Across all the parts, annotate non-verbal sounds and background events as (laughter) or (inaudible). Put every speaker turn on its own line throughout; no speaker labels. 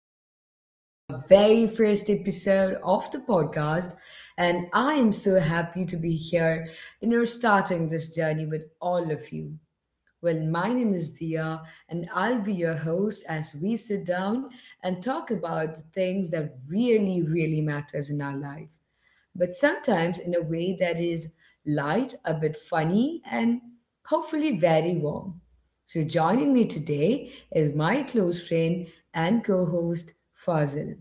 welcome to our very first episode of the podcast. And I am so happy to be here and you're starting this journey with all of you. Well, my name is Dia, and I'll be your host as we sit down and talk about the things that really, really matters in our life, but sometimes in a way that is light, a bit funny, and hopefully very warm. So, joining me today is my close friend and co host, Fazil.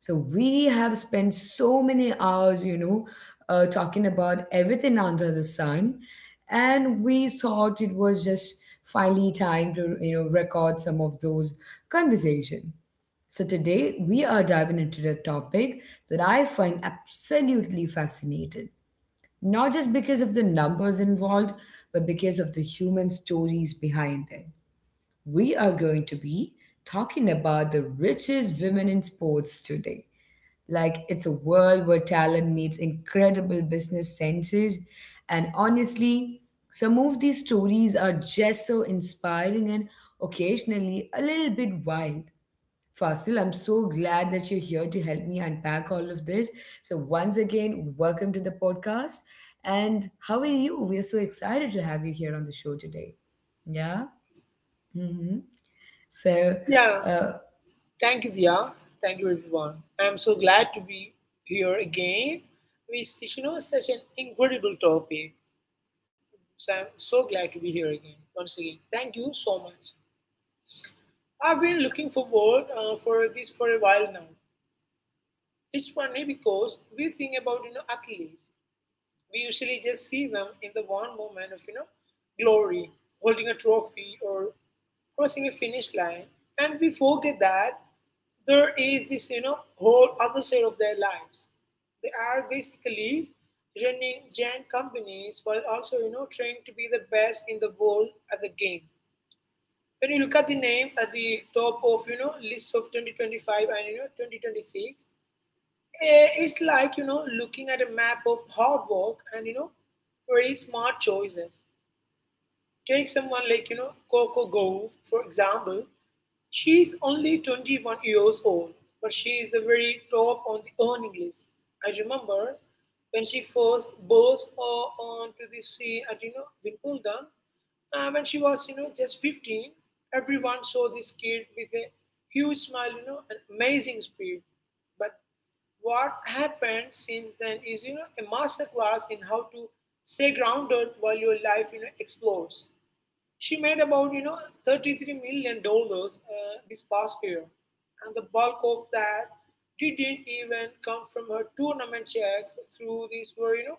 So, we have spent so many hours, talking about everything under the sun, and we thought it was just finally time to, record some of those conversation. So, today we are diving into a topic that I find absolutely fascinating, not just because of the numbers involved, but because of the human stories behind them. We are going to be talking about the richest women in sports today. Like, it's a world where talent meets incredible business senses. And honestly, some of these stories are just so inspiring and occasionally a little bit wild. Fasil, I'm so glad that you're here to help me unpack all of this. So, once again, welcome to the podcast. And how are you? We are so excited to have you here on the show today. Yeah. Mm-hmm. So,
Yeah.
uh,
Thank you, Via. Thank you, everyone. I'm so glad to be here again. It's, you know, such an incredible topic. So I'm so glad to be here again. Once again, thank you so much. I've been looking forward for this for a while now. It's funny because we think about, you know, athletes. We usually just see them in the one moment of, you know, glory, holding a trophy or crossing a finish line, and we forget that there is this, you know, whole other side of their lives. They are basically running giant companies while also, you know, trying to be the best in the world at the game. When you look at the name at the top of, you know, list of 2025 and, you know, 2026, it's like, you know, looking at a map of hard work and, you know, very smart choices. Take someone like, you know, Coco Gauff, for example. She's only 21 years old, but she is the very top on the earning list. I remember when she first burst onto the scene at, you know, Wimbledon, when she was, you know, just 15, everyone saw this kid with a huge smile, you know, and amazing speed. But what happened since then is, you know, a master class in how to stay grounded while your life, you know, explodes. She made about, you know, 33 million dollars this past year, and the bulk of that didn't even come from her tournament checks through these were, you know,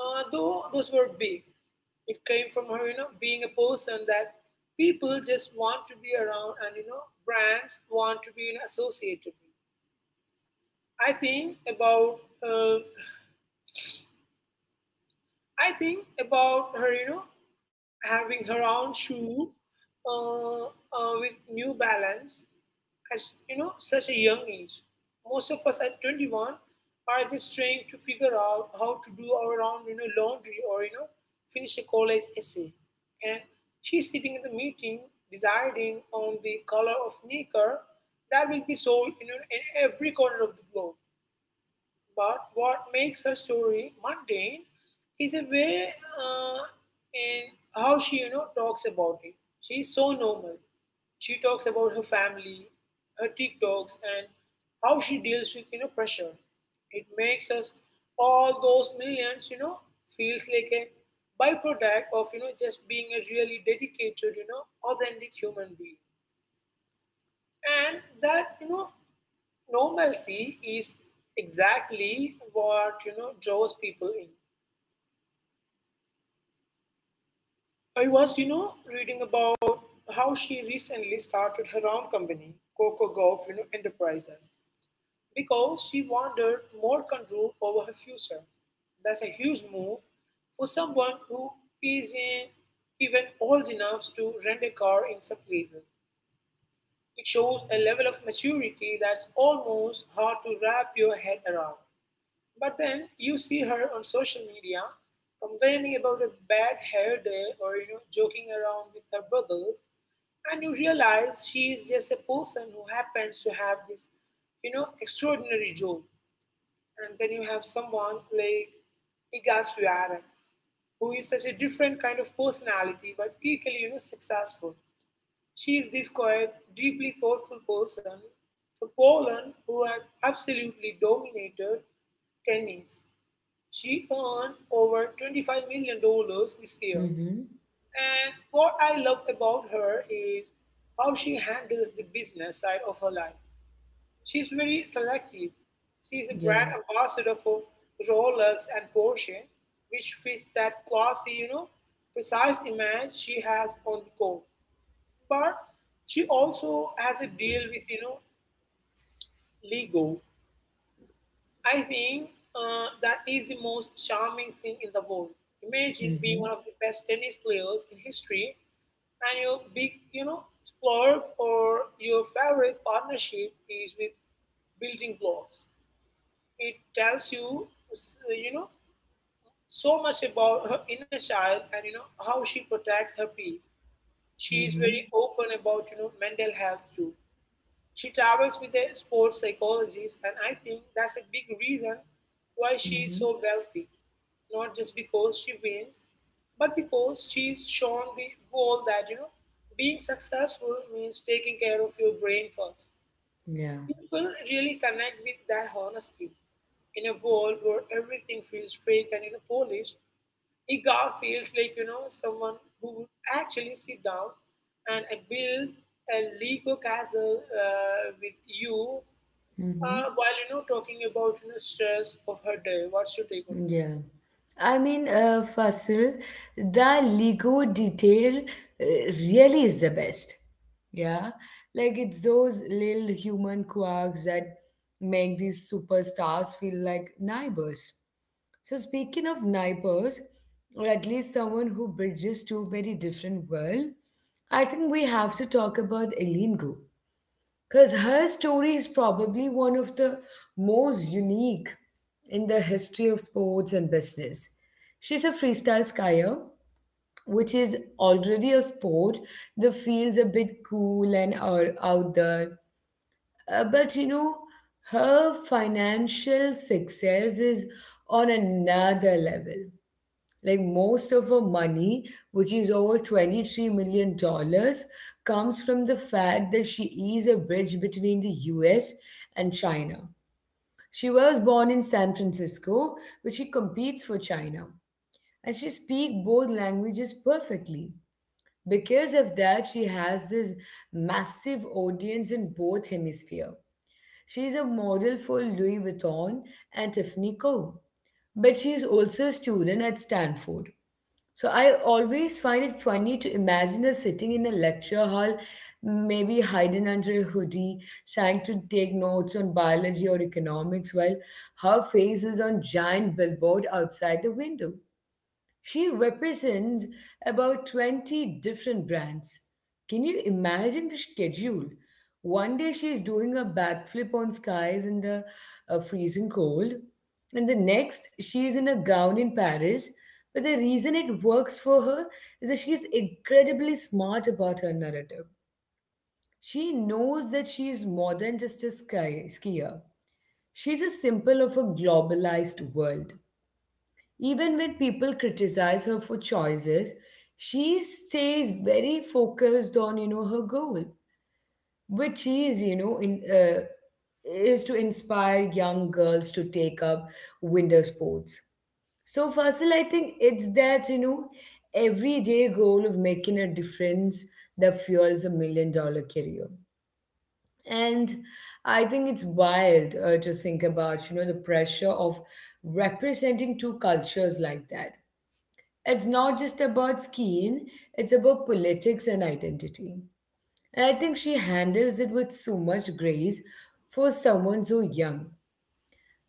though those were big. It came from her, you know, being a person that people just want to be around and, you know, brands want to be, you know, associated with. I think about her, you know, having her own shoe with New Balance at, you know, such a young age. Most of us at 21 are just trying to figure out how to do our own, you know, laundry or, you know, finish a college essay. And she's sitting in the meeting deciding on the color of knicker that will be sold, you know, in every corner of the globe. But what makes her story mundane is a way uh, in how she, you know, talks about it. She's so normal. She talks about her family, her TikToks, and how she deals with, you know, pressure. It makes us all those millions, you know, feels like a byproduct of, you know, just being a really dedicated, you know, authentic human being. And that, you know, normalcy is exactly what, you know, draws people in. I was, you know, reading about how she recently started her own company, Coco Golf, you know, Enterprises, because she wanted more control over her future. That's a huge move for someone who isn't even old enough to rent a car in some places. It shows a level of maturity that's almost hard to wrap your head around. But then you see her on social media complaining about a bad hair day or, you know, joking around with her brothers, and you realize she is just a person who happens to have this, you know, extraordinary job. And then you have someone like Iga Swiatek, who is such a different kind of personality but equally, you know, successful. She is this quiet, deeply thoughtful person from Poland who has absolutely dominated tennis. She earned over $25 million dollars this year,
mm-hmm.
and what I love about her is how she handles the business side of her life. She's very selective. She's a
Yeah.
brand ambassador for Rolex and Porsche, which fits that classy, you know, precise image she has on the go. But she also has a deal with, you know, Lego, I think, that is the most charming thing in the world. Imagine being
Mm-hmm.
one of the best tennis players in history, and your big, you know, splurge or your favorite partnership is with building blocks. It tells you, you know, so much about her inner child and, you know, how she protects her peace. She is
Mm-hmm.
very open about, you know, mental health too. She travels with a sports psychologist, and I think that's a big reason why she is
Mm-hmm.
so wealthy. Not just because she wins, but because she's shown the world that, you know, being successful means taking care of your brain first.
Yeah.
People really connect with that honesty. In a world where everything feels fake and, you know, polished, Igar feels like, you know, someone who would actually sit down and build a Lego castle with you
Mm-hmm.
while, you know, talking about, you know, stress of her day. What's your take on that?
Yeah, I mean, Fasil, the Lego detail really is the best. Yeah, like it's those little human quirks that make these superstars feel like neighbors. So speaking of neighbors, or at least someone who bridges two very different worlds, I think we have to talk about Eileen Gu. Because her story is probably one of the most unique in the history of sports and business. She's a freestyle skier, which is already a sport that feels a bit cool and out there. But her financial success is on another level. Like most of her money, which is over $23 million dollars, comes from the fact that she is a bridge between the US and China. She was born in San Francisco, but she competes for China. And she speaks both languages perfectly. Because of that, she has this massive audience in both hemispheres. She is a model for Louis Vuitton and Tiffany Co. But she is also a student at Stanford. So I always find it funny to imagine us sitting in a lecture hall, maybe hiding under a hoodie, trying to take notes on biology or economics while her face is on giant billboard outside the window. She represents about 20 different brands. Can you imagine the schedule? One day she is doing a backflip on skies in the freezing cold, and the next she is in a gown in Paris. But the reason it works for her is that she is incredibly smart about her narrative. She knows that she is more than just a sky skier. She's a symbol of a globalized world. Even when people criticize her for choices, she stays very focused on her goal, which is to inspire young girls to take up winter sports. So Fasil, I think it's that everyday goal of making a difference that fuels a million dollar career, and I think it's wild to think about the pressure of representing two cultures like that. It's not just about skiing, it's about politics and identity. And I think she handles it with so much grace for someone so young.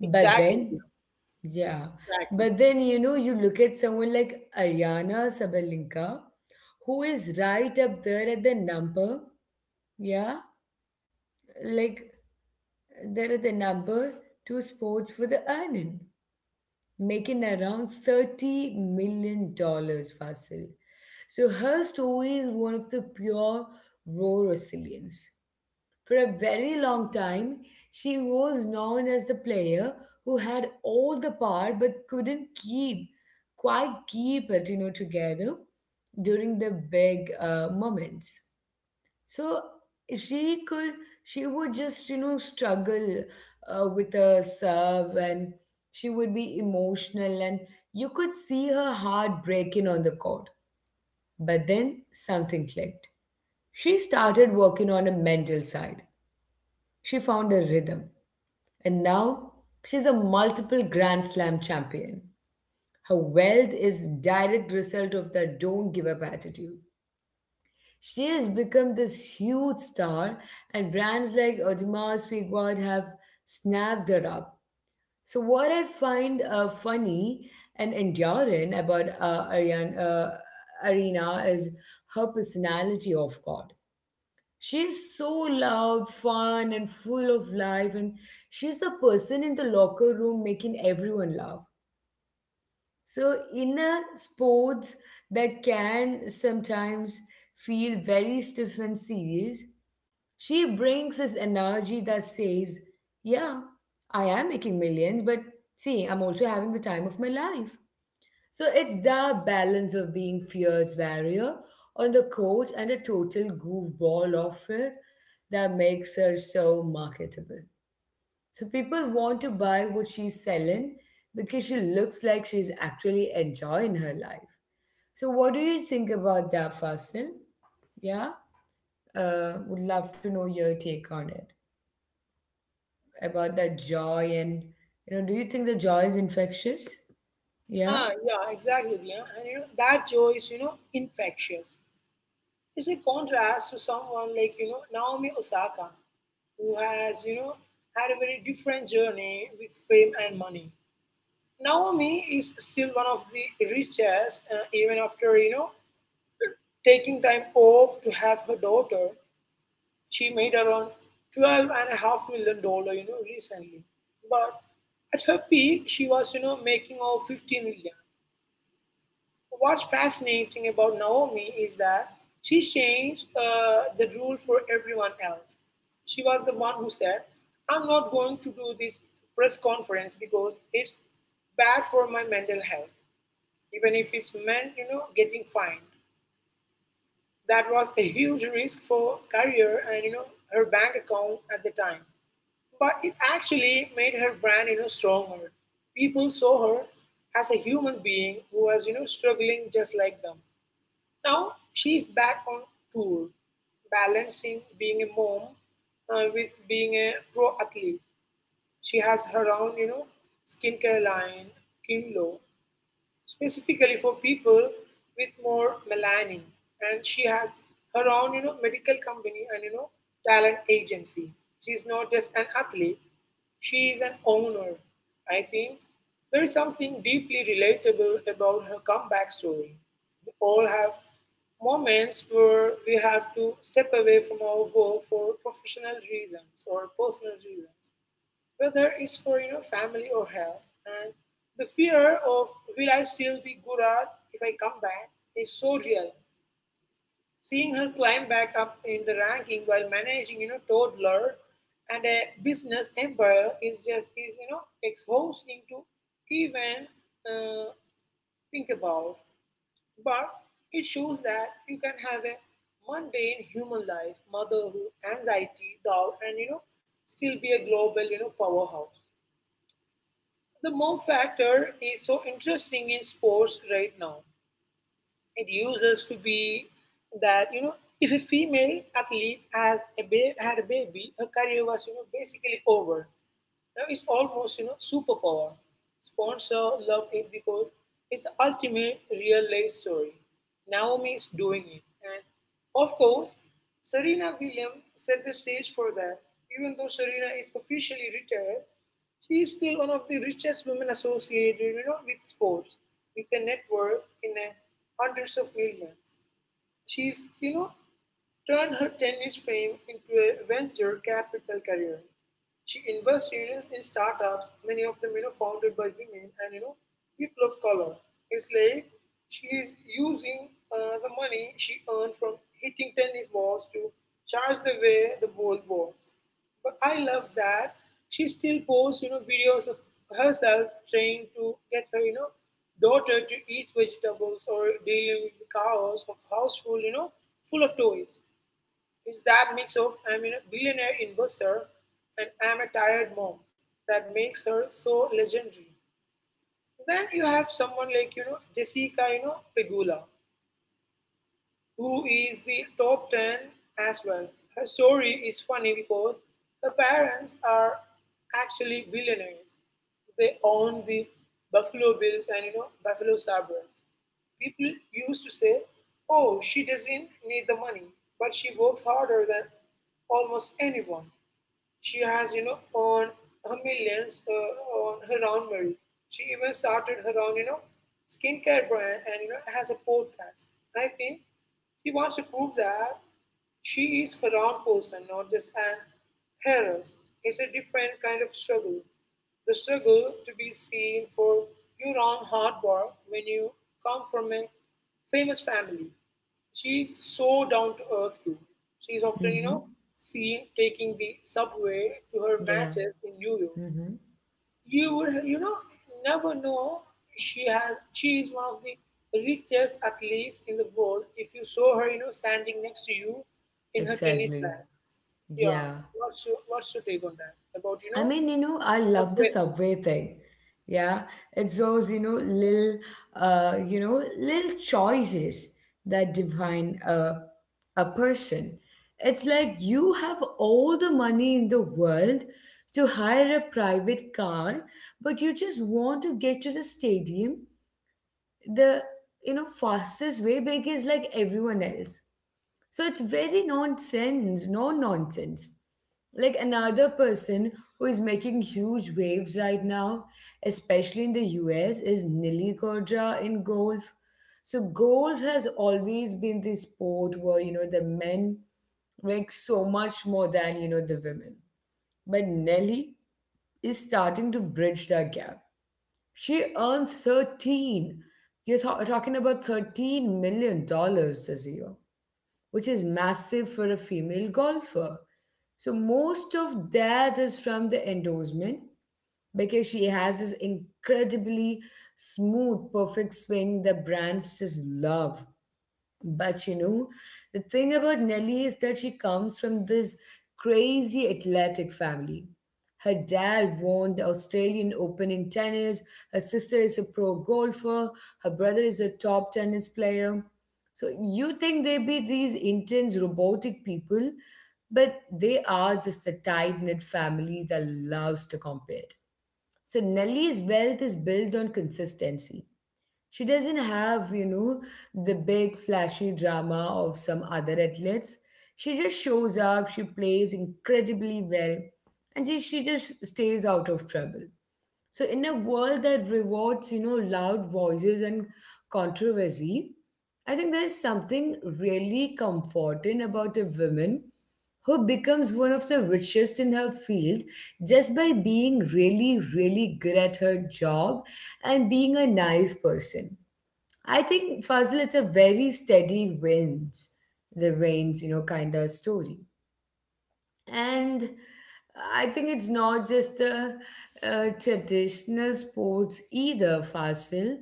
But then, yeah,
Exactly.
but then you look at someone like Ariana Sabalenka, who is right up there at the yeah, like number two sports for the earning, making around $30 million dollars, Fasil. So her story is one of the pure, raw resilience. For a very long time, she was known as the player who had all the power but couldn't keep, quite keep it, together during the big moments. So she could, she would just, struggle with her serve, and she would be emotional, and you could see her heart breaking on the court. But then something clicked. She started working on a mental side. She found a rhythm. And now she's a multiple Grand Slam champion. Her wealth is direct result of that don't give up attitude. She has become this huge star, and brands like Audemars Piguard have snapped her up. So, what I find funny and enduring about Arena is her personality, of God. She's so loud, fun, and full of life, and she's the person in the locker room making everyone laugh. So, inner sports that can sometimes feel very stiff and serious, she brings this energy that says, yeah, I am making millions, but see, I'm also having the time of my life. So, it's the balance of being fierce warrior on the court and a total goofball off it that makes her so marketable. So people want to buy what she's selling because she looks like she's actually enjoying her life. So what do you think about that, Fasil? Yeah, would love to know your take on it about that joy and, you know, do you think the joy is infectious? Yeah.
Ah, yeah, exactly. Yeah, and, you know, that joy is, you know, infectious. It's a contrast to someone like, you know, Naomi Osaka, who has, you know, had a very different journey with fame and money. Naomi is still one of the richest, even after, you know, taking time off to have her daughter. She made around $12.5 million dollar, you know, recently. But at her peak, she was, you know, making over 15 million. What's fascinating about Naomi is that she changed the rule for everyone else. She was the one who said, I'm not going to do this press conference because it's bad for my mental health, even if it's meant, you know, getting fined. That was a huge risk for career and, you know, her bank account at the time. But it actually made her brand, you know, stronger. People saw her as a human being who was, you know, struggling just like them. Now she is back on tour, balancing being a mom with being a pro athlete. She has her own, you know, skincare line, Kinlo, specifically for people with more melanin, and she has her own, you know, medical company and, you know, talent agency. She's not just an athlete, she is an owner. I think there is something deeply relatable about her comeback story. We all have moments where we have to step away from our work for professional reasons or personal reasons, whether it's for, you know, family or health, and the fear of will I still be good at if I come back is so real. Seeing her climb back up in the ranking while managing, you know, toddler and a business empire is just is, you know, exhausting to even uh, think about. But it shows that you can have a mundane human life, motherhood, anxiety, doubt, and, you know, still be a global, you know, powerhouse. The mom factor is so interesting in sports right now. It uses to be that, you know, if a female athlete had a baby, her career was, you know, basically over. Now it's almost, you know, superpower. Sponsor love it because it's the ultimate real life story. Naomi is doing it, and of course, Serena Williams set the stage for that. Even though Serena is officially retired, she is still one of the richest women associated, you know, with sports, with a net worth in the hundreds of millions. She's, you know, turned her tennis fame into a venture capital career. She invests, you know, in startups, many of them, you know, founded by women and, you know, people of color. It's like she is using the money she earned from hitting tennis balls to charge the way the world walks. But I love that she still posts, you know, videos of herself trying to get her, you know, daughter to eat vegetables or dealing with the chaos of household, you know, full of toys. It's that mix of I'm a billionaire investor and I'm a tired mom that makes her so legendary. Then you have someone like, you know, Jessica, you know, Pegula, who is the top 10 as well. Her story is funny because her parents are actually billionaires. They own the Buffalo Bills and, you know, Buffalo Sabres. People used to say, "Oh, she doesn't need the money, but she works harder than almost anyone." She has, you know, earned her millions on her own merit. She even started her own, you know, skincare brand and, you know, has a podcast. I think she wants to prove that she is her own person, not just an heiress. It's a different kind of struggle. The struggle to be seen for your own hard work when you come from a famous family. She's so down to earth too. She's often, you
Mm-hmm.
know, seen taking the subway to her
Yeah.
matches in New York.
Mm-hmm.
You would, you know, never know she has. She is one of the richest athletes in the world if you saw her, you know, standing next to you in her tennis
Exactly.
bag. Yeah,
Yeah.
what's your take on that about, you
I
know,
mean, you know, I love the
subway things?
subway thing. Yeah, it's those, you know, little, little choices that a person. It's like you have all the money in the world to hire a private car, but you just want to get to the stadium the, you know, fastest way because like everyone else. So it's no nonsense like another person who is making huge waves right now, especially in the US, is Nili Gurja in golf. So golf has always been the sport where you know the men make so much more than you know the women. But Nelly is starting to bridge that gap. She earned 13. You're ta- talking about 13 million dollars this year, which is massive for a female golfer. So most of that is from the endorsement because she has this incredibly smooth, perfect swing that brands just love. But you know, the thing about Nelly is that she comes from this crazy athletic family. Her dad won the Australian Open in tennis, her sister is a pro golfer, her brother is a top tennis player. So you think they be these intense robotic people, but they are just the tight knit family that loves to compete. So Nelly's wealth is built on consistency. She doesn't have, you know, the big flashy drama of some other athletes. She just shows up, she plays incredibly well, and she just stays out of trouble. So, in a world that rewards, you know, loud voices and controversy, I think there's something really comforting about a woman who becomes one of the richest in her field just by being really, really good at her job and being a nice person. I think Fazil, it's a very steady winds, the rains, you know, kind of story. And I think it's not just the traditional sports either, Fazil.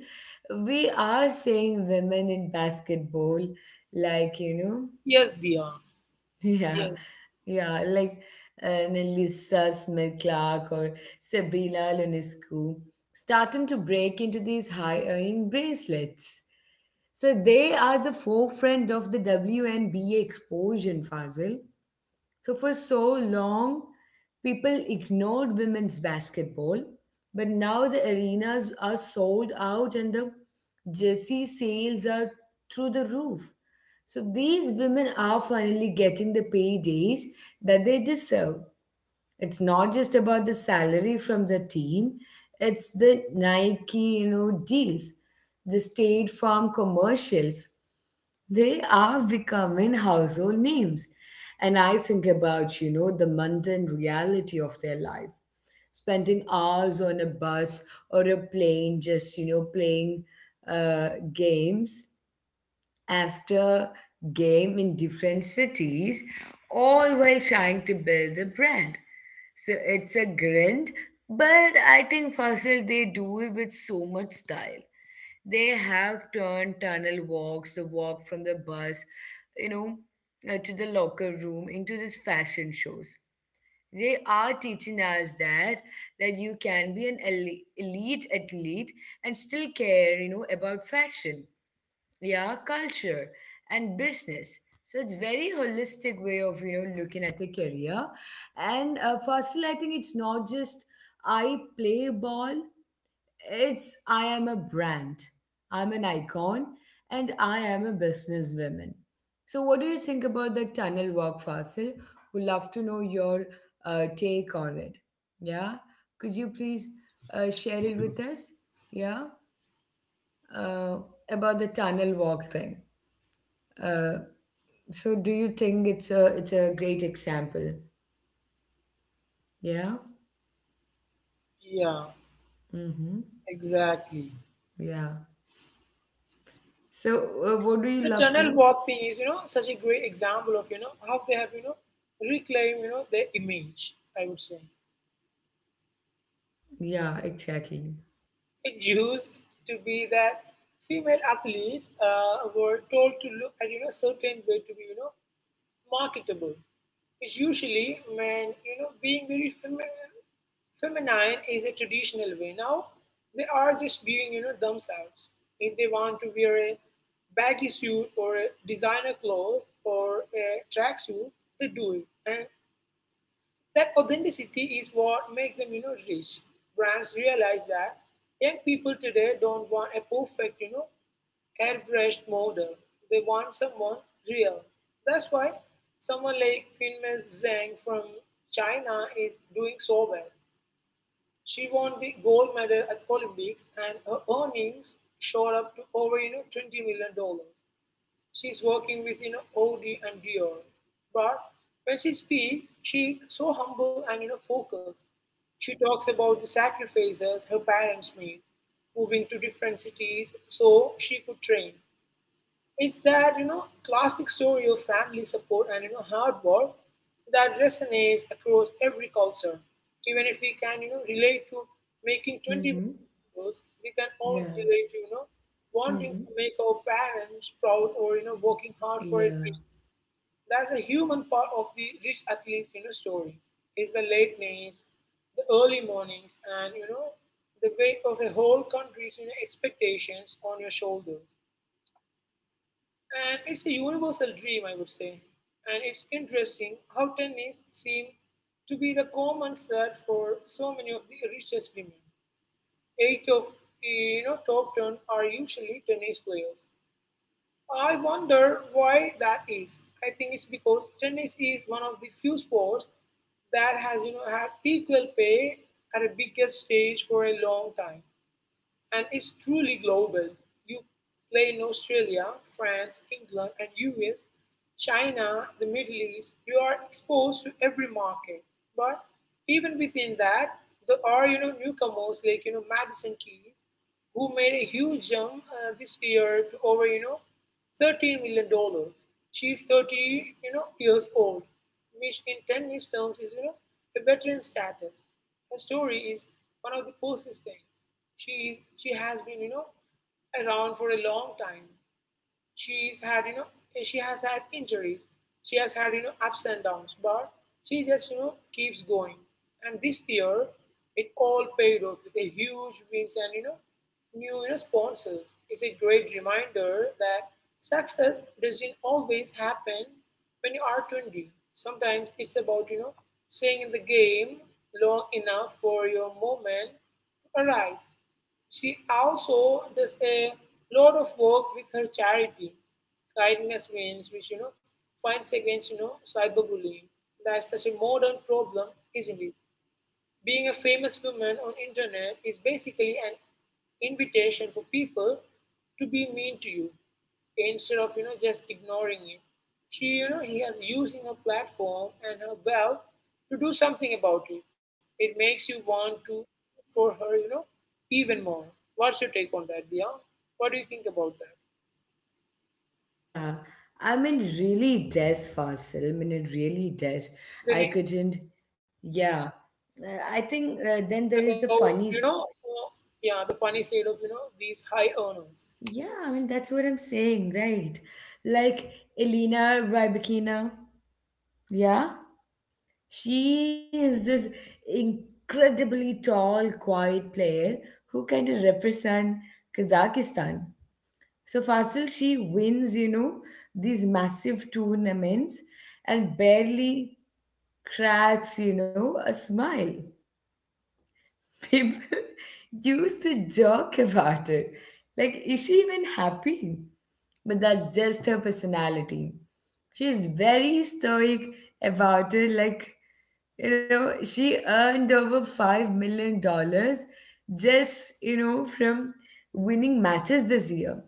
We are seeing women in basketball, like, you know,
Yes, Dia.
(laughs) yeah,
Yes,
yeah, like Nelissa Smith Clark or Sabila Lunescu starting to break into these high earning bracelets. So they are the forefront of the WNBA explosion, Fazil. So for so long, people ignored women's basketball, but now the arenas are sold out and the jersey sales are through the roof. So these women are finally getting the paydays that they deserve. It's not just about the salary from the team, it's the Nike, you know, deals, the State Farm commercials. They are becoming household names, and I think about, you know, the mundane reality of their life, spending hours on a bus or a plane just, you know, playing games after game in different cities, all while trying to build a brand. So it's a grind, but I think Fasil they do it with so much style. They have turned tunnel walks, the walk from the bus, you know, to the locker room into these fashion shows. They are teaching us that you can be an elite athlete and still care, you know, about fashion, yeah, culture, and business. So it's very holistic way of you know looking at a career, and firstly I think it's not just I play ball, it's I am a brand, I'm an icon, and I am a businesswoman. So what do you think about the tunnel walk, Fasil? Would love to know your take on it. Yeah, could you please share it with us? yeah uh, about the tunnel walk thing uh, so do you think it's a great example? Yeah.
yeah,
Mm-hmm.
exactly.
Yeah. So what do you
The
love
tunnel
to?
walk thing is, such a great example of, how they have, reclaimed, their image, I would say.
Yeah, exactly.
It used to be that female athletes were told to look at, certain way to be, marketable is usually when being very feminine is a traditional way. Now they are just being themselves. If they want to wear a baggy suit or a designer clothes or a tracksuit, they do it, and that authenticity is what makes them, rich. Brands realize that young people today don't want a perfect, airbrushed model. They want someone real. That's why someone like Quinmen Zhang from China is doing so well. She won the gold medal at Olympics and her earnings shot up to over, $20 million. Dollars. She's working with Audi and Dior, but when she speaks, she's so humble and focused. She talks about the sacrifices her parents made, moving to different cities so she could train. It's that classic story of family support and hard work that resonates across every culture. Even if we can relate to making 20
Mm-hmm.
videos, we can all
Yeah.
relate to wanting
Mm-hmm.
to make our parents proud or working hard for a
Yeah.
dream. That's a human part of the rich athlete story. It's the late nights, the early mornings, and the weight of a whole country's expectations on your shoulders. And it's a universal dream, I would say. And it's interesting how tennis seems to be the common thread for so many of the richest women. Eight of top ten are usually tennis players. I wonder why that is. I think it's because tennis is one of the few sports that has had equal pay at a bigger stage for a long time and is truly global. You play in Australia, France, England, and US, China, the Middle East. You are exposed to every market. But even within that, there are newcomers like Madison Keys, who made a huge jump this year to over 13 million dollars. She's 30 years old, which in tennis terms is a veteran status. Her story is one of the persistence she has been around for a long time. She's had you know she has had injuries. She has had ups and downs, but she just keeps going, and this year it all paid off with a huge wins and new, sponsors. It's a great reminder that success doesn't always happen when you are 20. Sometimes it's about staying in the game long enough for your moment to arrive. She also does a lot of work with her charity, Kindness Wins, which fights against cyberbullying. That's such a modern problem, isn't it? Being a famous woman on internet is basically an invitation for people to be mean to you instead of just ignoring it. She he has using her platform and her wealth to do something about it. It makes you want to for her even more. What's your take on that, Dia? What do you think about that?
Yeah. I mean, really does, Fasil. I mean, it really does.
The
I
re-
couldn't. Yeah. I think then there is the
about
funnies.
yeah, the funny side of these high earners.
Yeah, I mean, that's what I'm saying, right? Like Elena Rybakina. Yeah. She is this incredibly tall, quiet player who kind of represent Kazakhstan. So Fasil, she wins, you know, these massive tournaments and barely cracks, you know, a smile. People (laughs) used to joke about it. Like, is she even happy? But that's just her personality. She's very stoic about it. Like, you know, she earned over $5 million dollars just, you know, from winning matches this year.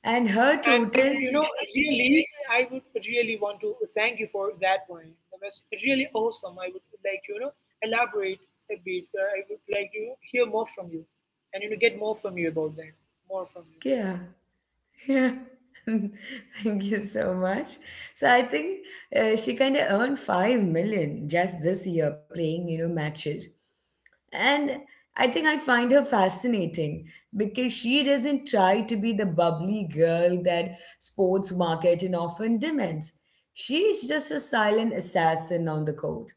And her
And I would,
total.
really, I would really want to thank you for that point. That was really awesome. I would like to, elaborate a bit. I would like to hear more from you and, get more from you about that. More from you.
Yeah. Yeah. (laughs) Thank you so much. So I think she kind of earned 5 million just this year playing, you know, matches. And I think I find her fascinating because she doesn't try to be the bubbly girl that sports marketing often demands. She's just a silent assassin on the court.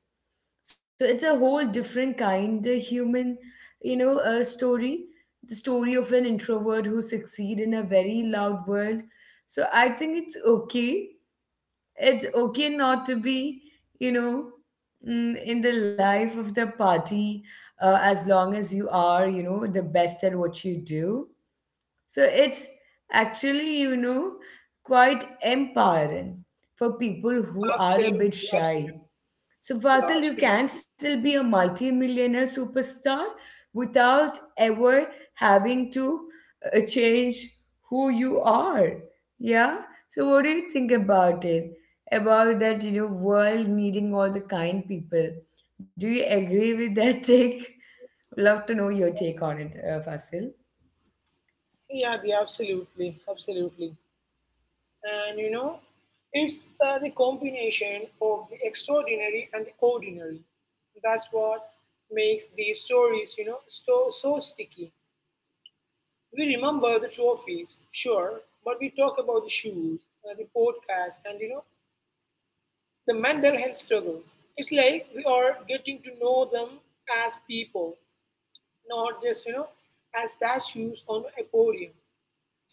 So it's a whole different kind of human, you know, story. The story of an introvert who succeed in a very loud world. So I think it's okay. It's okay not to be, you know, in the life of the party as long as you are, you know, the best at what you do. So it's actually, you know, quite empowering for people who
Absolutely.
are a bit
Absolutely.
shy. So,
Yeah,
Fasil, you
absolutely.
can still be a multi-millionaire superstar without ever having to change who you are. Yeah? So, what do you think about it? About that, you know, world needing all the kind people. Do you agree with that (laughs) take? Love to know your take on it, Fasil.
Yeah, the absolutely, absolutely. And it's the combination of the extraordinary and the ordinary. That's what makes these stories, so, so sticky. We remember the trophies, sure, but we talk about the shoes, the podcast, and the mental health struggles. It's like we are getting to know them as people, not just, as statues on a podium.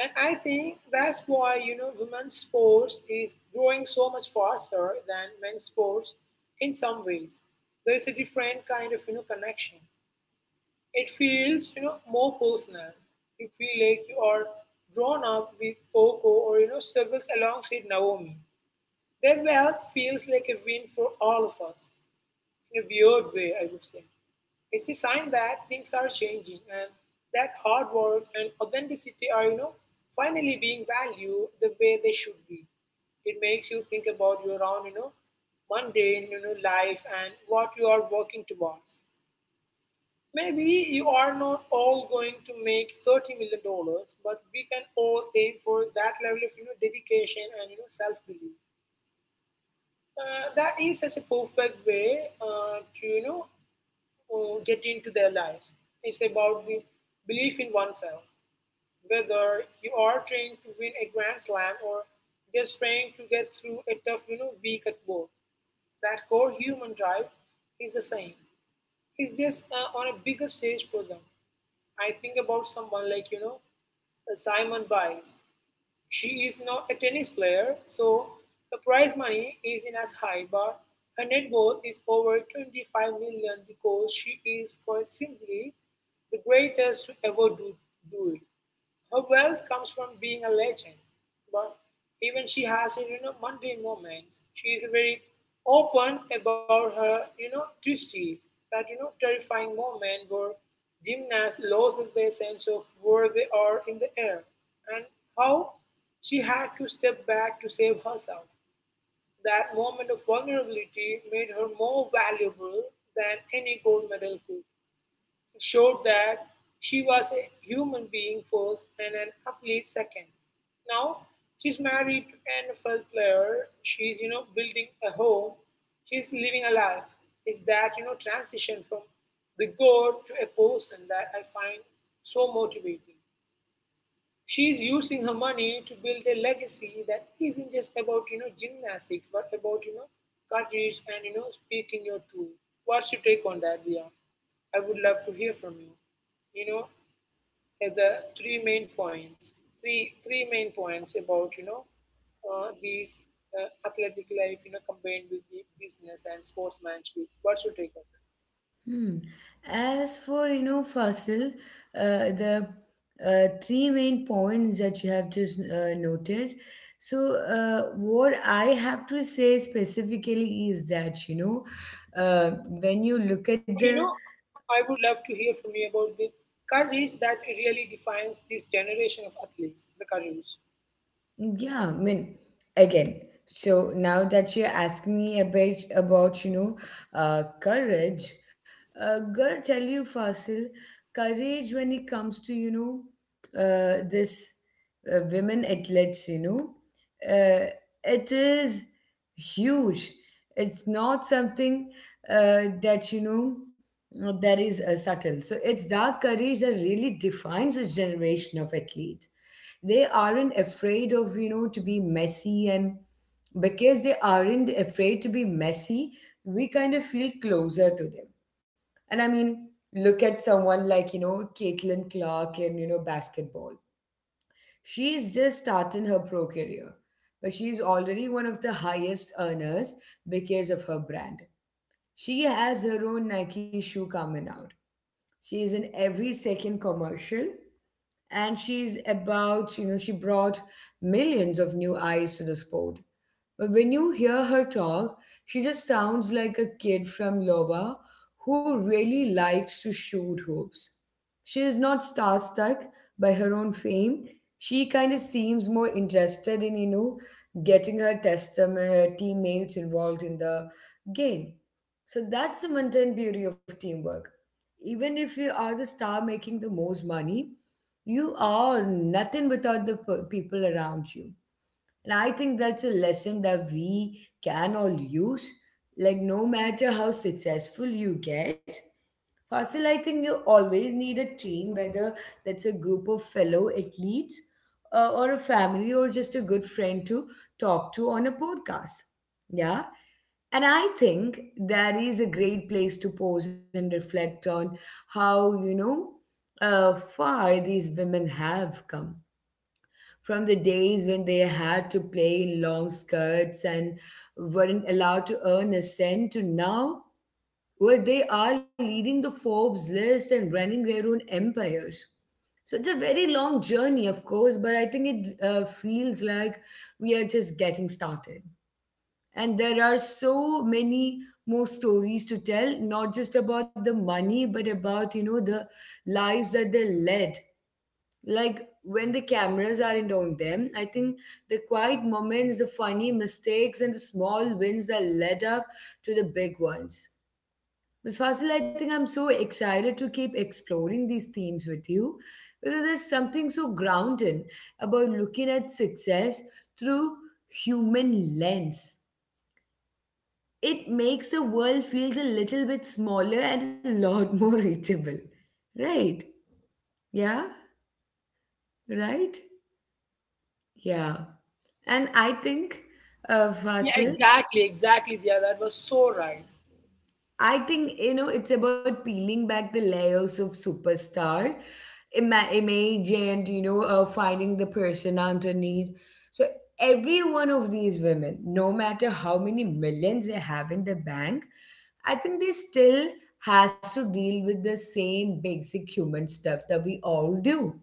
And I think that's why, women's sports is growing so much faster than men's sports in some ways. There is a different kind of, connection. It feels, more personal. You feel like you are drawn up with Coco or struggles alongside Naomi. Their wealth feels like a win for all of us in a weird way, I would say. It's a sign that things are changing and that hard work and authenticity are, finally being valued the way they should be. It makes you think about your own, mundane, life and what you are working towards. Maybe you are not all going to make $30 million, but we can all aim for that level of dedication and self belief. That is such a perfect way to get into their lives. It's about the belief in oneself. Whether you are trying to win a grand slam or just trying to get through a tough week at work, that core human drive is the same. It's just on a bigger stage for them. I think about someone like, Simon Biles. She is not a tennis player, so the prize money is not as high, but her net worth is over 25 million because she is quite simply the greatest to ever do it. Her wealth comes from being a legend, but even she has her, mundane moments. She is very open about her, twisties. That terrifying moment where gymnast loses their sense of where they are in the air and how she had to step back to save herself. That moment of vulnerability made her more valuable than any gold medal could showed that she was a human being first and an athlete second. Now she's married to an NFL player. She's building a home. She's living a life. It's that transition from the god to a person that I find so motivating. She is using her money to build a legacy that isn't just about gymnastics, but about courage and speaking your truth. What's your take on that, Dia? I would love to hear from you. You know, at the three main points, three main points about these athletic life, combined with the business and sportsmanship. What's your take on?
Hmm. As for you know, Fasil, the three main points that you have just noted. So, what I have to say specifically is that you know, when you look at
But you
the…
know, I would love to hear from you about the courage that really defines this generation of athletes. The courage.
Yeah, I mean, again, so now that you're asking me a bit about, you know, courage, gotta tell you, Fasil, courage when it comes to, you know, this women athletes, you know, uh, it is huge. It's not something that you know that is subtle. So it's that courage that really defines this generation of athletes. They aren't afraid of you know to be messy, and because they aren't afraid to be messy, we kind of feel closer to them. And I mean, look at someone like you know Caitlin Clark in you know basketball. She's just starting her pro career, but she's already one of the highest earners because of her brand. She has her own Nike shoe coming out. She is in every second commercial, and she's about you know she brought millions of new eyes to the sport. But when you hear her talk, she just sounds like a kid from lova who really likes to shoot hoops. She is not starstruck by her own fame. She kind of seems more interested in you know getting her testament teammates involved in the game. So that's the mundane beauty of teamwork. Even if you are the star making the most money, you are nothing without the people around you. And I think that's a lesson that we can all use. Like, no matter how successful you get, Fasil, I think you always need a team, whether that's a group of fellow athletes or a family or just a good friend to talk to on a podcast. Yeah. And I think that is a great place to pause and reflect on how, you know, far these women have come from the days when they had to play in long skirts and weren't allowed to earn a cent, to now where they are leading the Forbes list and running their own empires. So it's a very long journey, of course, but I think it feels like we are just getting started. And there are so many more stories to tell, not just about the money, but about, you know, the lives that they led, like when the cameras aren't on them. I think the quiet moments, the funny mistakes, and the small wins that led up to the big ones. But Fasil, I think I'm so excited to keep exploring these themes with you, because there's something so grounding about looking at success through human lens. It makes the world feels a little bit smaller and a lot (laughs) more reachable, right? Yeah. Right. Yeah. And I think,
Yeah,
Fasil,
exactly, exactly. Yeah, that was so right.
I think, you know, it's about peeling back the layers of superstar image and, you know, finding the person underneath. So every one of these women, no matter how many millions they have in the bank, I think they still has to deal with the same basic human stuff that we all do.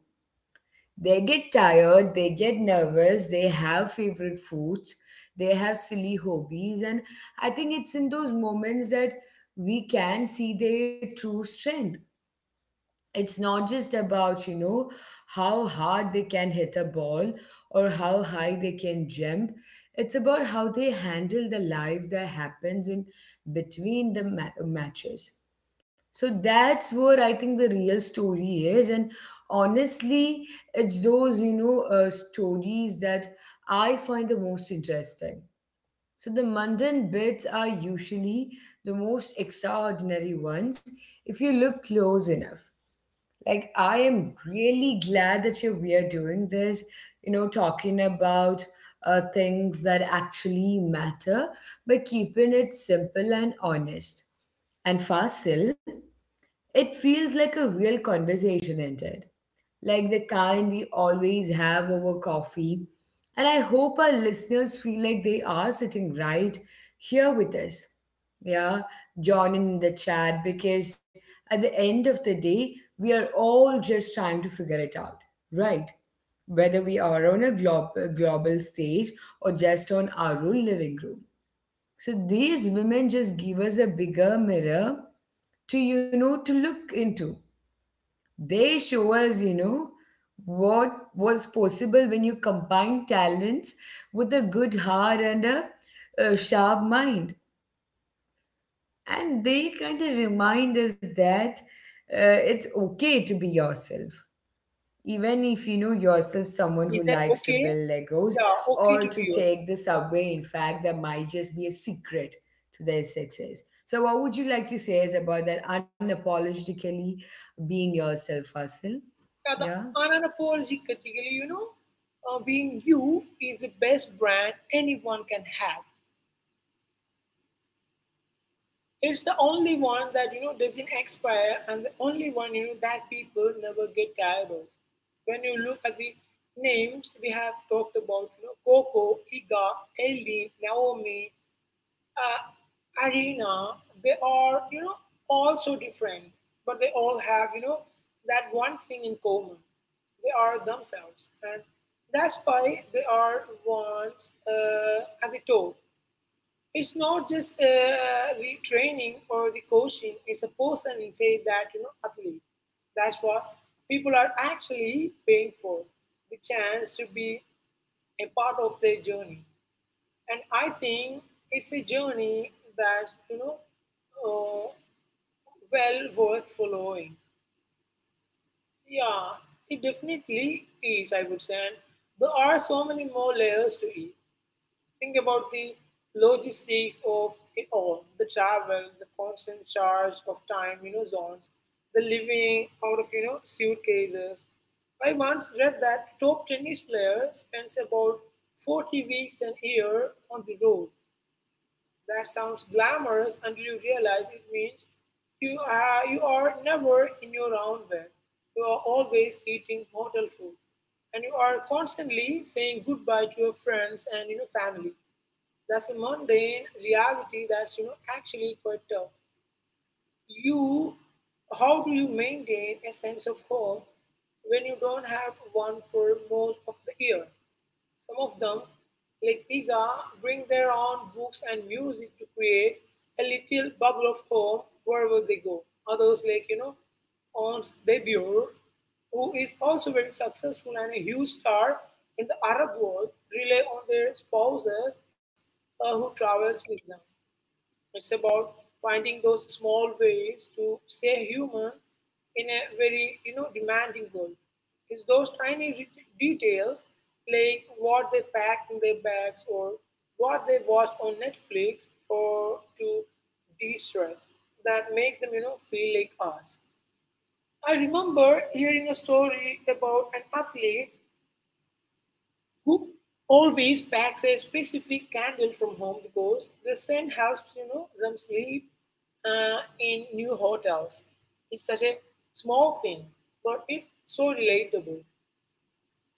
They get tired, they get nervous, they have favorite foods, they have silly hobbies, and I think it's in those moments that we can see their true strength. It's not just about you know how hard they can hit a ball or how high they can jump. It's about how they handle the life that happens in between the matches. So that's where I think the real story is. And honestly, it's those you know stories that I find the most interesting. So the mundane bits are usually the most extraordinary ones if you look close enough. Like, I am really glad that you we are doing this, you know, talking about things that actually matter, but keeping it simple and honest. And Fasil, it feels like a real conversation ended, like the kind we always have over coffee. And I hope our listeners feel like they are sitting right here with us. Yeah, joining in the chat because at the end of the day, we are all just trying to figure it out, right? Whether we are on a global stage or just on our own living room. So these women just give us a bigger mirror to, you know, to look into. They show us, you know, what was possible when you combine talents with a good heart and a sharp mind. And they kind of remind us that it's okay to be yourself. Even if you know yourself, someone who
Is that
likes to
okay?
build Legos
Yeah, okay
or
to
to
be
take
yourself.
the subway, in fact, that might just be a secret to their success. So, what would you like to say is about that unapologetically being yourself, Fasil?
Yeah, the
Yeah.
unapologetically, being you is the best brand anyone can have. It's the only one that doesn't expire, and the only one that people never get tired of. When you look at the names we have talked about, Coco, Iga, Ellie, Naomi, Arena, they are all so different, but they all have that one thing in common: they are themselves, and that's why they are once at the top. It's not just the training or the coaching. It's a person inside that athlete. That's what people are actually paying for, the chance to be a part of their journey. And I think it's a journey that's uh, well worth following. Yeah, it definitely is, I would say, and there are so many more layers to it. Think about the logistics of it all, the travel, the constant charge of time, zones, the living out of, suitcases. I once read that a top tennis player spends about 40 weeks an year on the road. That sounds glamorous until you realize it means you are never in your own bed. You are always eating hotel food. And you are constantly saying goodbye to your friends and family. That's a mundane reality that's actually quite tough. You, how do you maintain a sense of hope when you don't have one for most of the year? Some of them, like Tiga, bring their own books and music to create a little bubble of home wherever they go. Others, like, Ons Debur, who is also very successful and a huge star in the Arab world, rely on their spouses who travels with them. It's about finding those small ways to stay human in a very, demanding world. It's those tiny details like what they pack in their bags or what they watch on Netflix or to de-stress that make them, feel like us. I remember hearing a story about an athlete who always packs a specific candle from home because the scent helps them sleep in new hotels. It's such a small thing, but it's so relatable.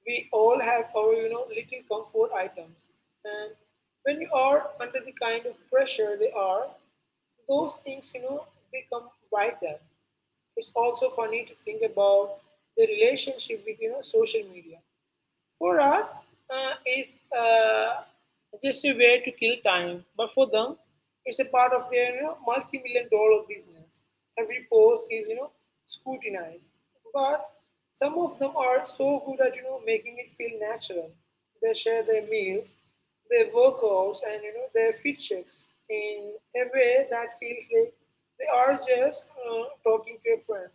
We all have our little comfort items, and when you are under the kind of pressure they are, those things become vital. It's also funny to think about the relationship with social media for us. It's Just a way to kill time, but for them, it's a part of their multi-million dollar business. Every post is scrutinized, but some of them are so good at making it feel natural. They share their meals, their workouts, and their fit checks in a way that feels like they are just talking to a friend.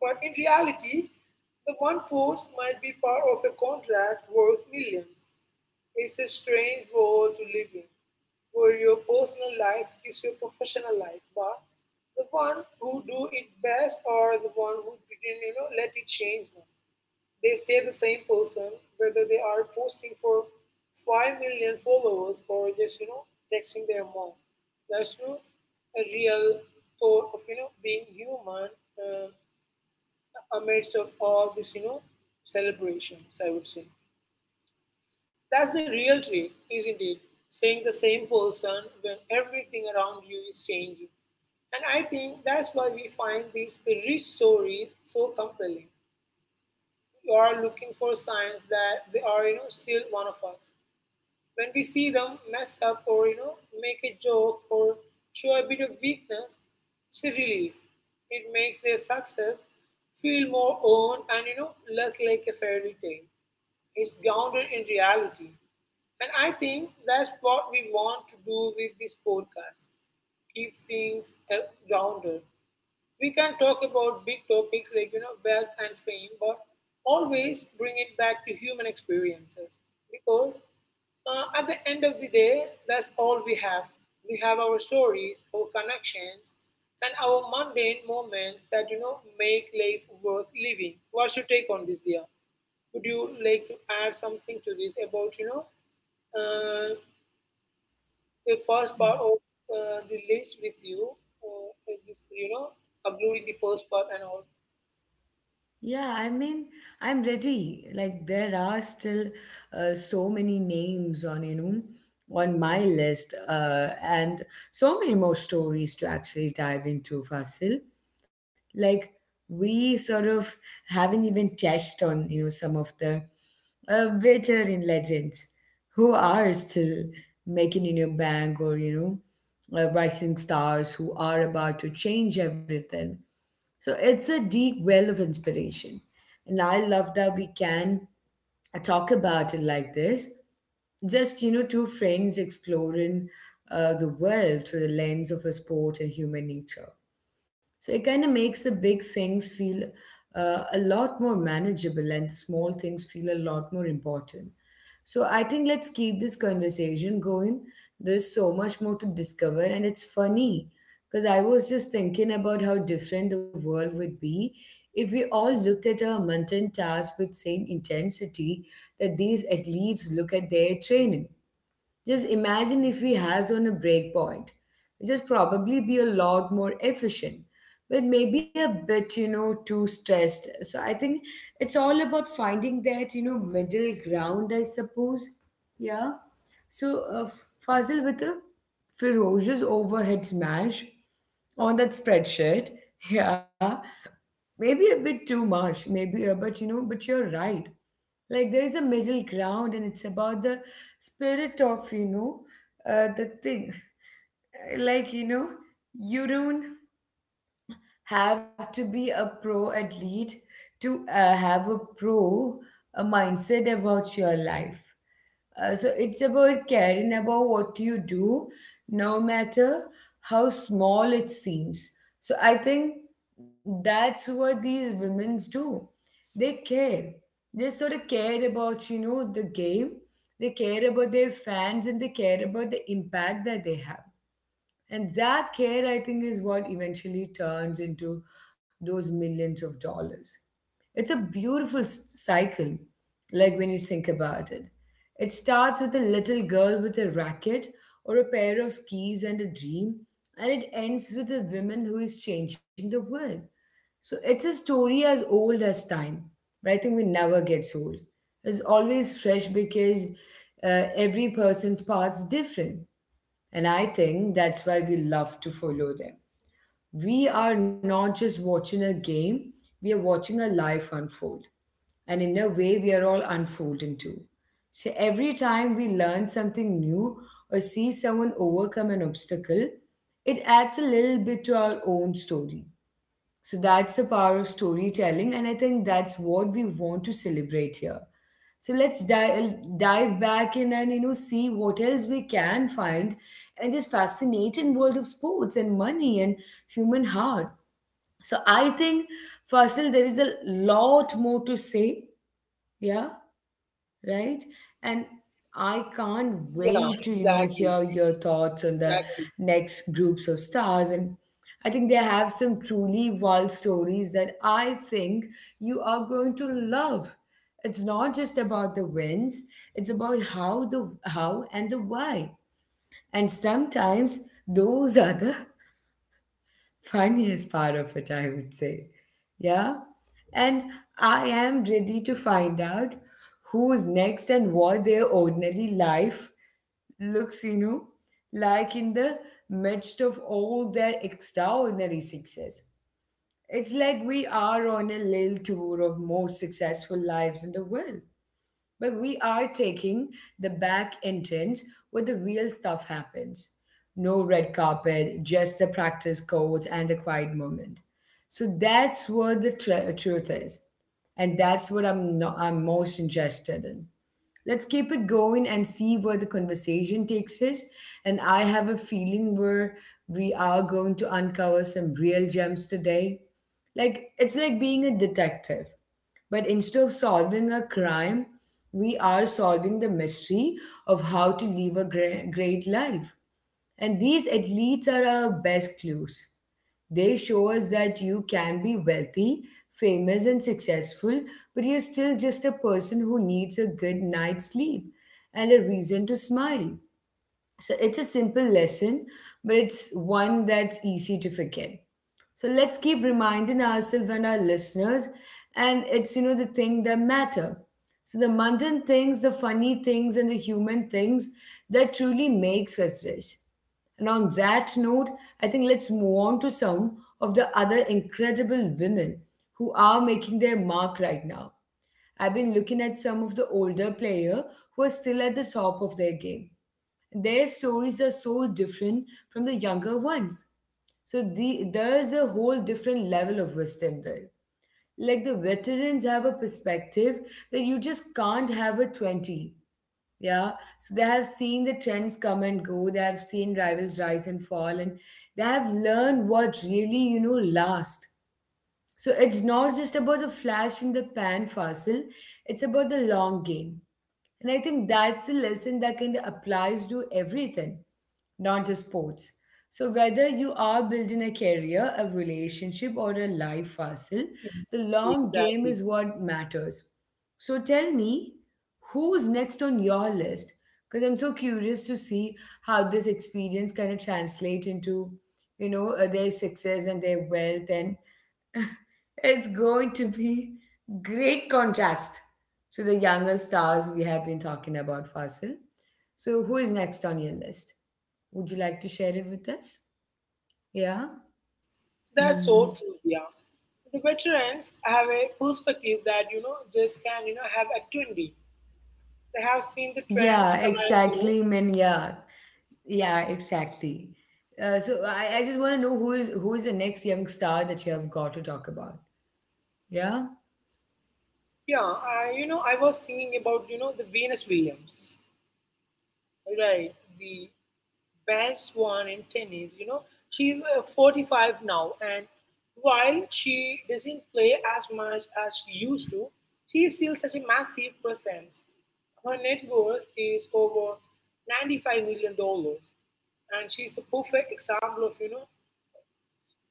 But in reality the one post might be part of a contract worth millions. It's a strange world to live in, where your personal life is your professional life, but the one who do it best are the one who didn't, let it change them. They stay the same person, whether they are posting for 5 million followers or just, texting their mom. That's you know, a real thought of, being human. Uh, Amidst of all this celebrations I would say that's the real trick isn't it saying the same person when everything around you is changing, and I think that's why we find these rich stories so compelling. You are looking for signs that they are still one of us. When we see them mess up or make a joke or show a bit of weakness, it's a relief. It makes their success feel more owned and less like a fairy tale. It's grounded in reality. And I think that's what we want to do with this podcast. Keep things grounded. We can talk about big topics like wealth and fame, but always bring it back to human experiences because at the end of the day, that's all we have. We have our stories, our connections, and our mundane moments that make life worth living. What's your take on this, dear? Would you like to add something to this about uh, the first part
Mm-hmm.
of the list with you, is this, uploading the first part and all.
Yeah, I mean, I'm ready. Like, there are still so many names on, you know, on my list, and so many more stories to actually dive into, Fasil. Like, we sort of haven't even touched on, you know, some of the veteran legends who are still making in your bank, or, you know, rising stars who are about to change everything. So it's a deep well of inspiration. And I love that we can talk about it like this. Just, you know, two friends exploring the world through the lens of a sport and human nature. So it kind of makes the big things feel a lot more manageable and the small things feel a lot more important. So I think let's keep this conversation going. There's so much more to discover, and it's funny because I was just thinking about how different the world would be if we all looked at our mundane tasks with same intensity that these athletes look at their training. Just imagine if we has on a breakpoint. Just probably be a lot more efficient, but maybe a bit, you know, too stressed. So I think it's all about finding that, you know, middle ground, I suppose. Yeah. So Fazil with a ferocious overhead smash on that spreadsheet. (laughs) Yeah. Maybe a bit too much, maybe, but you know, but you're right. Like there is a middle ground, and it's about the spirit of you know the thing. (laughs) Like you know, you don't have to be a pro athlete to have a mindset about your life. So it's about caring about what you do, no matter how small it seems. So I think that's what these women do. They care. They sort of care about, you know, the game. They care about their fans, and they care about the impact that they have. And that care, I think, is what eventually turns into those millions of dollars. It's a beautiful cycle, like when you think about it. It starts with a little girl with a racket or a pair of skis and a dream, and it ends with a woman who is changing the world. So it's a story as old as time, but I think we never gets old. It's always fresh because every person's path's different. And I think that's why we love to follow them. We are not just watching a game, we are watching a life unfold. And in a way, we are all unfolding too. So every time we learn something new or see someone overcome an obstacle, it adds a little bit to our own story. So that's the power of storytelling, and I think that's what we want to celebrate here. So let's dive back in and see what else we can find in this fascinating world of sports and money and human heart. So I think, Fasil, there is a lot more to say. Yeah, right? And I can't
Yeah,
wait to,
exactly,
hear your thoughts on the
exactly,
next groups of stars. And I think they have some truly wild stories that I think you are going to love. It's not just about the wins, it's about how the how and the why. And sometimes those are the funniest part of it, I would say. Yeah? And I am ready to find out who's next and what their ordinary life looks, like in the midst of all their extraordinary success. It's like we are on a little tour of most successful lives in the world. But we are taking the back entrance where the real stuff happens. No red carpet, just the practice codes and the quiet moment. So that's where the truth is. And that's what I'm, no- I'm most interested in. Let's keep it going and see where the conversation takes us. And I have a feeling where we are going to uncover some real gems today. Like, it's like being a detective. But instead of solving a crime, we are solving the mystery of how to live a great life. And these at least are our best clues. They show us that you can be wealthy, famous, and successful, but you're still just a person who needs a good night's sleep and a reason to smile. So it's a simple lesson, but it's one that's easy to forget. So let's keep reminding ourselves and our listeners, and it's the thing that matter. So the mundane things, the funny things, and the human things that truly makes us rich. And on that note, I think let's move on to some of the other incredible women who are making their mark right now. I've been looking at some of the older players who are still at the top of their game, their stories are so different from the younger ones. So there's a whole different level of wisdom there. Like the veterans have a perspective that you just can't have at 20. Yeah. So they have seen the trends come and go, they have seen rivals rise and fall, and they have learned what really, lasts. So it's not just about a flash in the pan, fossil, it's about the long game. And I think that's a lesson that can applies to everything, not just sports. So whether you are building a career, a relationship, or a life hustle, the
exactly.
long
Exactly.
game is what matters. So tell me, who's next on your list? Because I'm so curious to see how this experience kind of translate into, their success and their wealth, and (laughs) it's going to be great contrast. So the younger stars we have been talking about, Fasil. So who is next on your list? Would you like to share it with us? Yeah.
That's
Hmm.
so true, yeah. The veterans have a perspective that, just can, have at 20. They have seen the
Yeah,
trends come and go.
exactly. Man, yeah, exactly. So I just want to know who is the next young star that you have got to talk about. Yeah.
Yeah, I was thinking about, the Venus Williams, right? The best one in tennis. You know, she's 45 now, and while she doesn't play as much as she used to, she is still such a massive presence. Her net worth is over 95 million dollars, and she's a perfect example of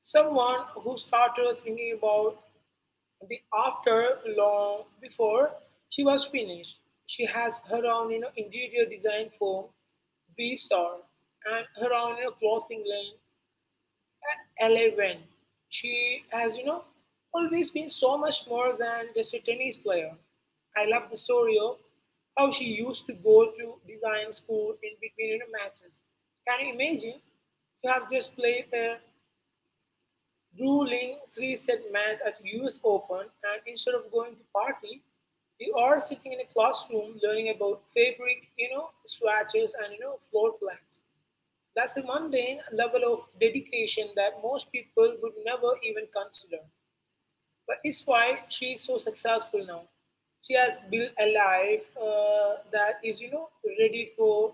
someone who started thinking about the after long before she was finished. She has her own interior design firm, V Star, and her own clothing line, Eleven. She has, always been so much more than just a tennis player. I love the story of how she used to go to design school in between matches. Can you imagine? You have just played a Drew Lynn three set match at US Open and instead of going to party, you are sitting in a classroom learning about fabric, swatches and floor plans. That's a mundane level of dedication that most people would never even consider. But it's why she's so successful now. She has built a life that is, ready for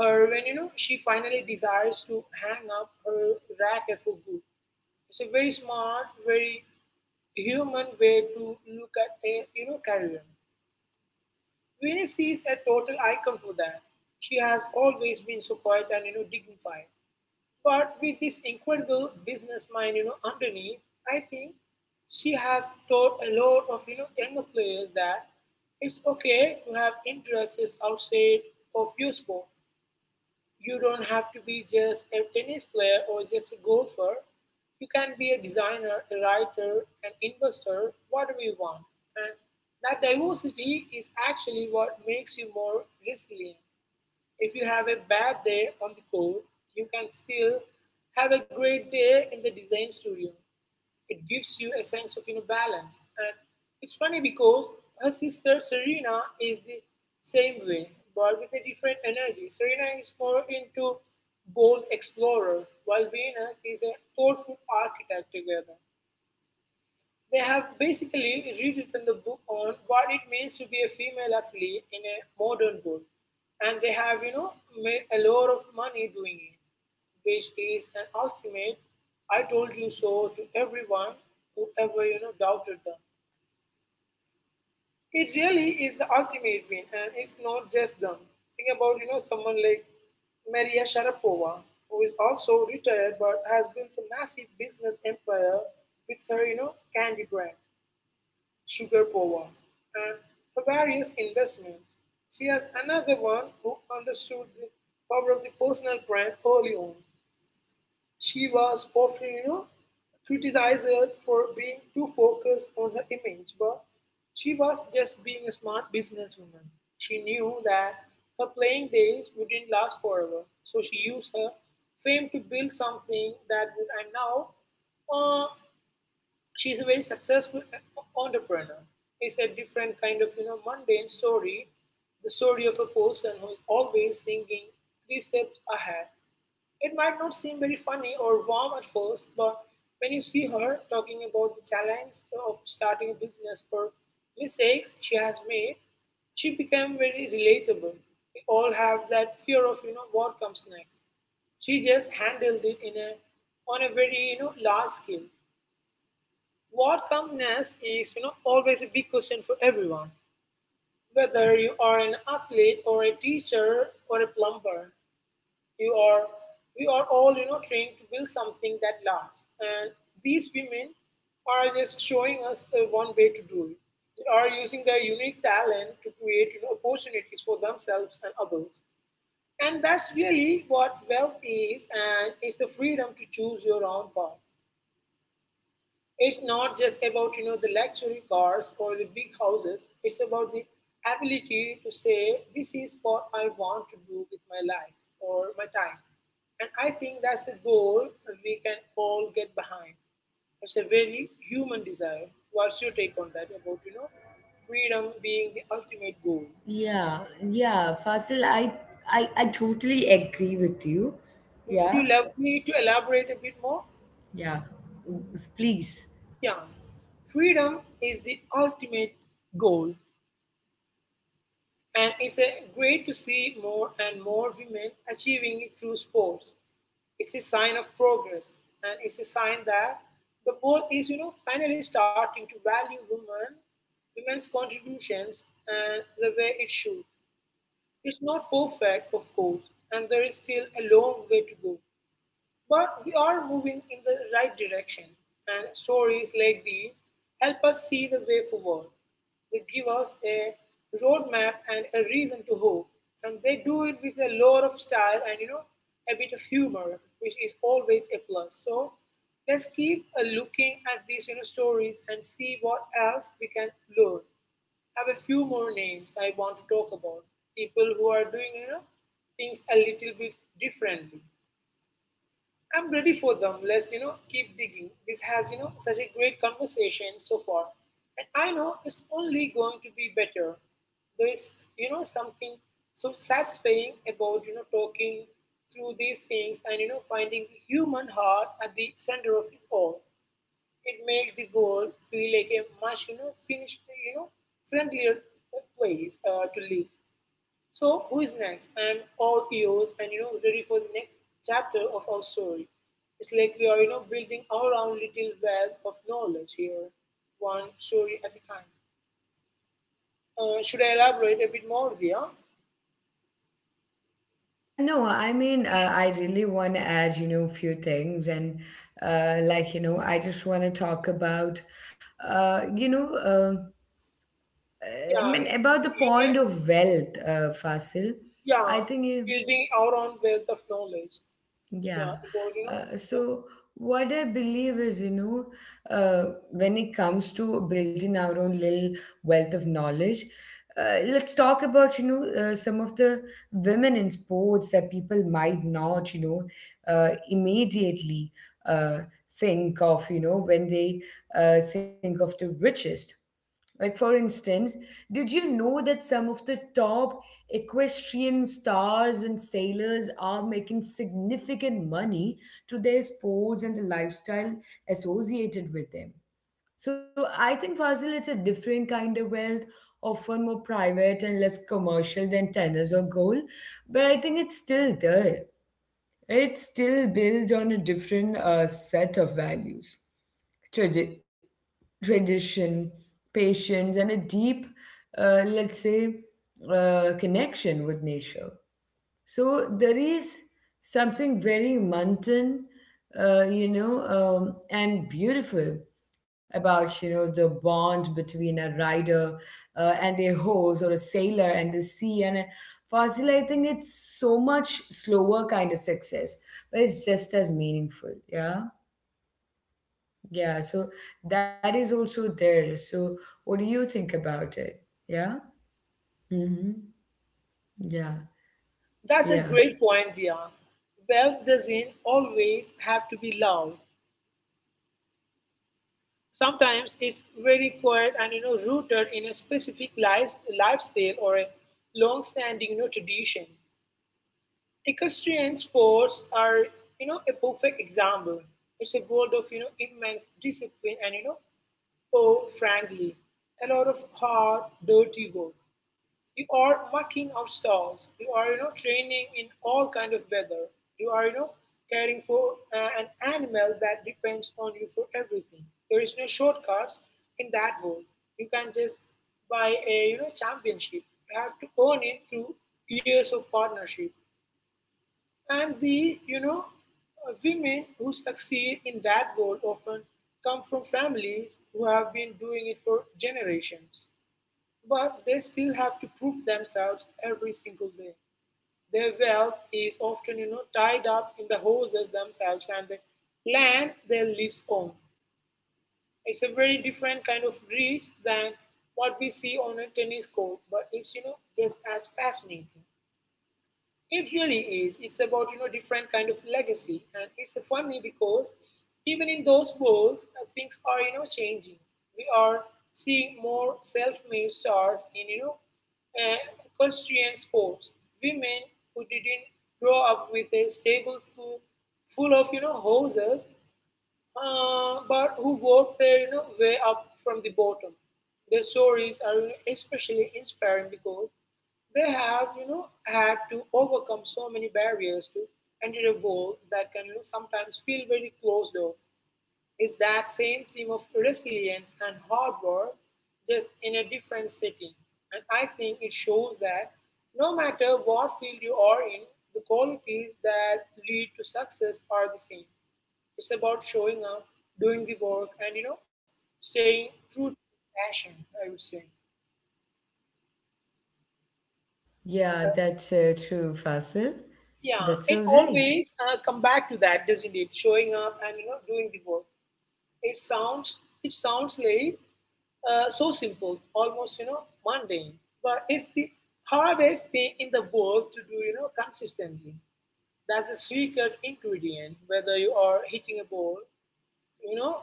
her when she finally desires to hang up her racket for good. It's a very smart, very human way to look at a career. Venus is a total icon for that. She has always been so quiet and dignified. But with this incredible business mind, underneath, I think she has taught a lot of younger players that it's okay to have interests outside of your sport. You don't have to be just a tennis player or just a golfer. You can be a designer, a writer, an investor, whatever you want. And that diversity is actually what makes you more resilient. If you have a bad day on the code, you can still have a great day in the design studio. It gives you a sense of balance. And it's funny because her sister Serena is the same way, but with a different energy. Serena is more into bold explorer, while Venus is a thoughtful architect together. They have basically rewritten the book on what it means to be a female athlete in a modern world, and they have, made a lot of money doing it, which is an ultimate "I told you so" to everyone who ever, doubted them. It really is the ultimate win, and it's not just them. Think about, someone like Maria Sharapova, who is also retired but has built a massive business empire with her, candy brand sugar power, and her various investments. She was another one who understood the power of the personal brand early on. She was often, criticized for being too focused on her image, but she was just being a smart businesswoman. She knew that her playing days wouldn't last forever, so she used her fame to build something that would, and now, uh, she's a very successful entrepreneur. It's a different kind of mundane story, the story of a person who's always thinking three steps ahead. It might not seem very funny or warm at first, but when you see her talking about the challenge of starting a business or mistakes she has made, she became very relatable. We all have that fear of what comes next. She just handled it in a on a very large scale. What comes next is always a big question for everyone. Whether you are an athlete or a teacher or a plumber, you are we are all trained to build something that lasts. And these women are just showing us the one way to do it. They are using their unique talent to create opportunities for themselves and others. And that's really what wealth is, and it's the freedom to choose your own path. It's not just about the luxury cars or the big houses. It's about the ability to say this is what I want to do with my life or my time. And I think that's a goal that we can all get behind. It's a very human desire. What's your take on that about freedom being the ultimate goal?
Yeah, yeah, Fasil, I totally agree with you.
Would
Yeah,
you love me to elaborate a bit more?
yeah. Please.
Yeah. Freedom is the ultimate goal. And it's a great to see more and more women achieving it through sports. It's a sign of progress, and it's a sign that the world is, finally starting to value women, women's contributions, and the way it should. It's not perfect, of course, and there is still a long way to go. But we are moving in the right direction, and stories like these help us see the way forward. They give us a roadmap and a reason to hope, and they do it with a lot of style and a bit of humor, which is always a plus. So let's keep looking at these stories and see what else we can learn. I have a few more names I want to talk about. People who are doing things a little bit differently. I'm ready for them. Let's, keep digging. This has, such a great conversation so far. And I know it's only going to be better. There is, something so satisfying about, talking through these things and, finding the human heart at the center of it all. It makes the world feel like a much, finished, friendlier place to live. So, who is next? And all ears and ready for the next chapter of our story. It's like we are, building our own little web of knowledge here, one story at a time. Should I elaborate a bit more, Dia?
No, I mean, I really want to add, a few things. And, like, I just want to talk about, uh, you know, uh,
Yeah,
about the
you may,
point of wealth, Fasil. I
yeah,
think you,
building our own wealth of knowledge.
Yeah.
Yeah, about,
So what I believe is, when it comes to building our own little wealth of knowledge, let's talk about, some of the women in sports that people might not, immediately uh, think of, when they think of the richest. Like, for instance, did you know that some of the top equestrian stars and sailors are making significant money through their sports and the lifestyle associated with them? So, I think, Fazil, it's a different kind of wealth, often more private and less commercial than tennis or gold, but I think it's still there. It's still built on a different set of values, tradi- tradition, patience, and a deep, let's say, connection with nature. So there is something very mountain, and beautiful about the bond between a rider and their horse or a sailor and the sea. And a fossil, I think it's so much slower kind of success, but it's just as meaningful. Yeah, yeah, so that is also there. So what do you think about it? Yeah? Mm-hmm. Yeah.
that's a
Yeah.
great point, Dia. Wealth doesn't always have to be loud. Sometimes it's very quiet and rooted in a specific lifestyle or a long-standing tradition. Equestrian sports are a perfect example. It's a world of immense discipline and oh frankly, a lot of hard, dirty work. You are marking out stars. You are, training in all kind of weather. You are, caring for an animal that depends on you for everything. There is no shortcuts in that world. You can not just buy a, championship. You have to earn it through years of partnership. And the, women who succeed in that world often come from families who have been doing it for generations. But they still have to prove themselves every single day. Their wealth is often, tied up in the horses themselves and the land they live on. It's a very different kind of reach than what we see on a tennis court, but it's, just as fascinating. It really is. It's about different kind of legacy, and it's funny because even in those worlds, things are changing. We are seeing more self-made stars in uh, equestrian sports. Women who didn't grow up with a full of horses but who worked their way up from the bottom. Their stories are especially inspiring because they have had to overcome so many barriers to enter a world that can sometimes feel very closed off. It's that same theme of resilience and hard work, just in a different setting. And I think it shows that no matter what field you are in, the qualities that lead to success are the same. It's about showing up, doing the work, and staying true to passion. I would say.
Yeah, that's true, Fasil.
Yeah,
That's
it
all right.
always come back to that, doesn't it? Showing up and doing the work. It sounds like so simple, almost mundane, but it's the hardest thing in the world to do consistently. That's the secret ingredient. Whether you are hitting a ball you know,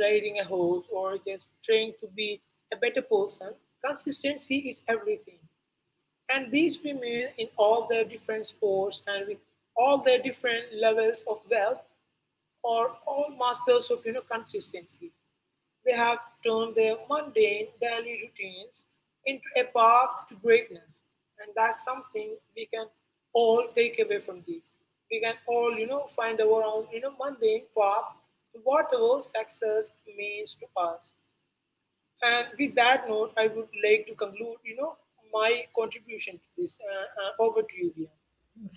riding a horse or just trying to be a better person, consistency is everything. And these women, in all their different sports and with all their different levels of wealth, are all masters of consistency. They have turned their mundane daily routines into a path to greatness, and that's something we can all take away from this. We can all, find our own, mundane path to whatever success means to us. And with that note, I would like to conclude, my contribution to this. Over to you, Via.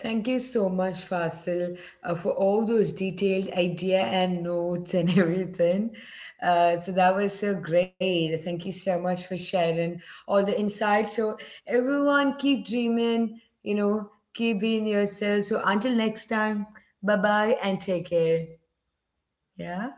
Thank you so much, Fasil, for all those detailed idea and notes and (laughs) everything. So that was so great. Thank you so much for sharing all the insights. So everyone, keep dreaming. You know, keep being yourself. So until next time, bye bye and take care. Yeah.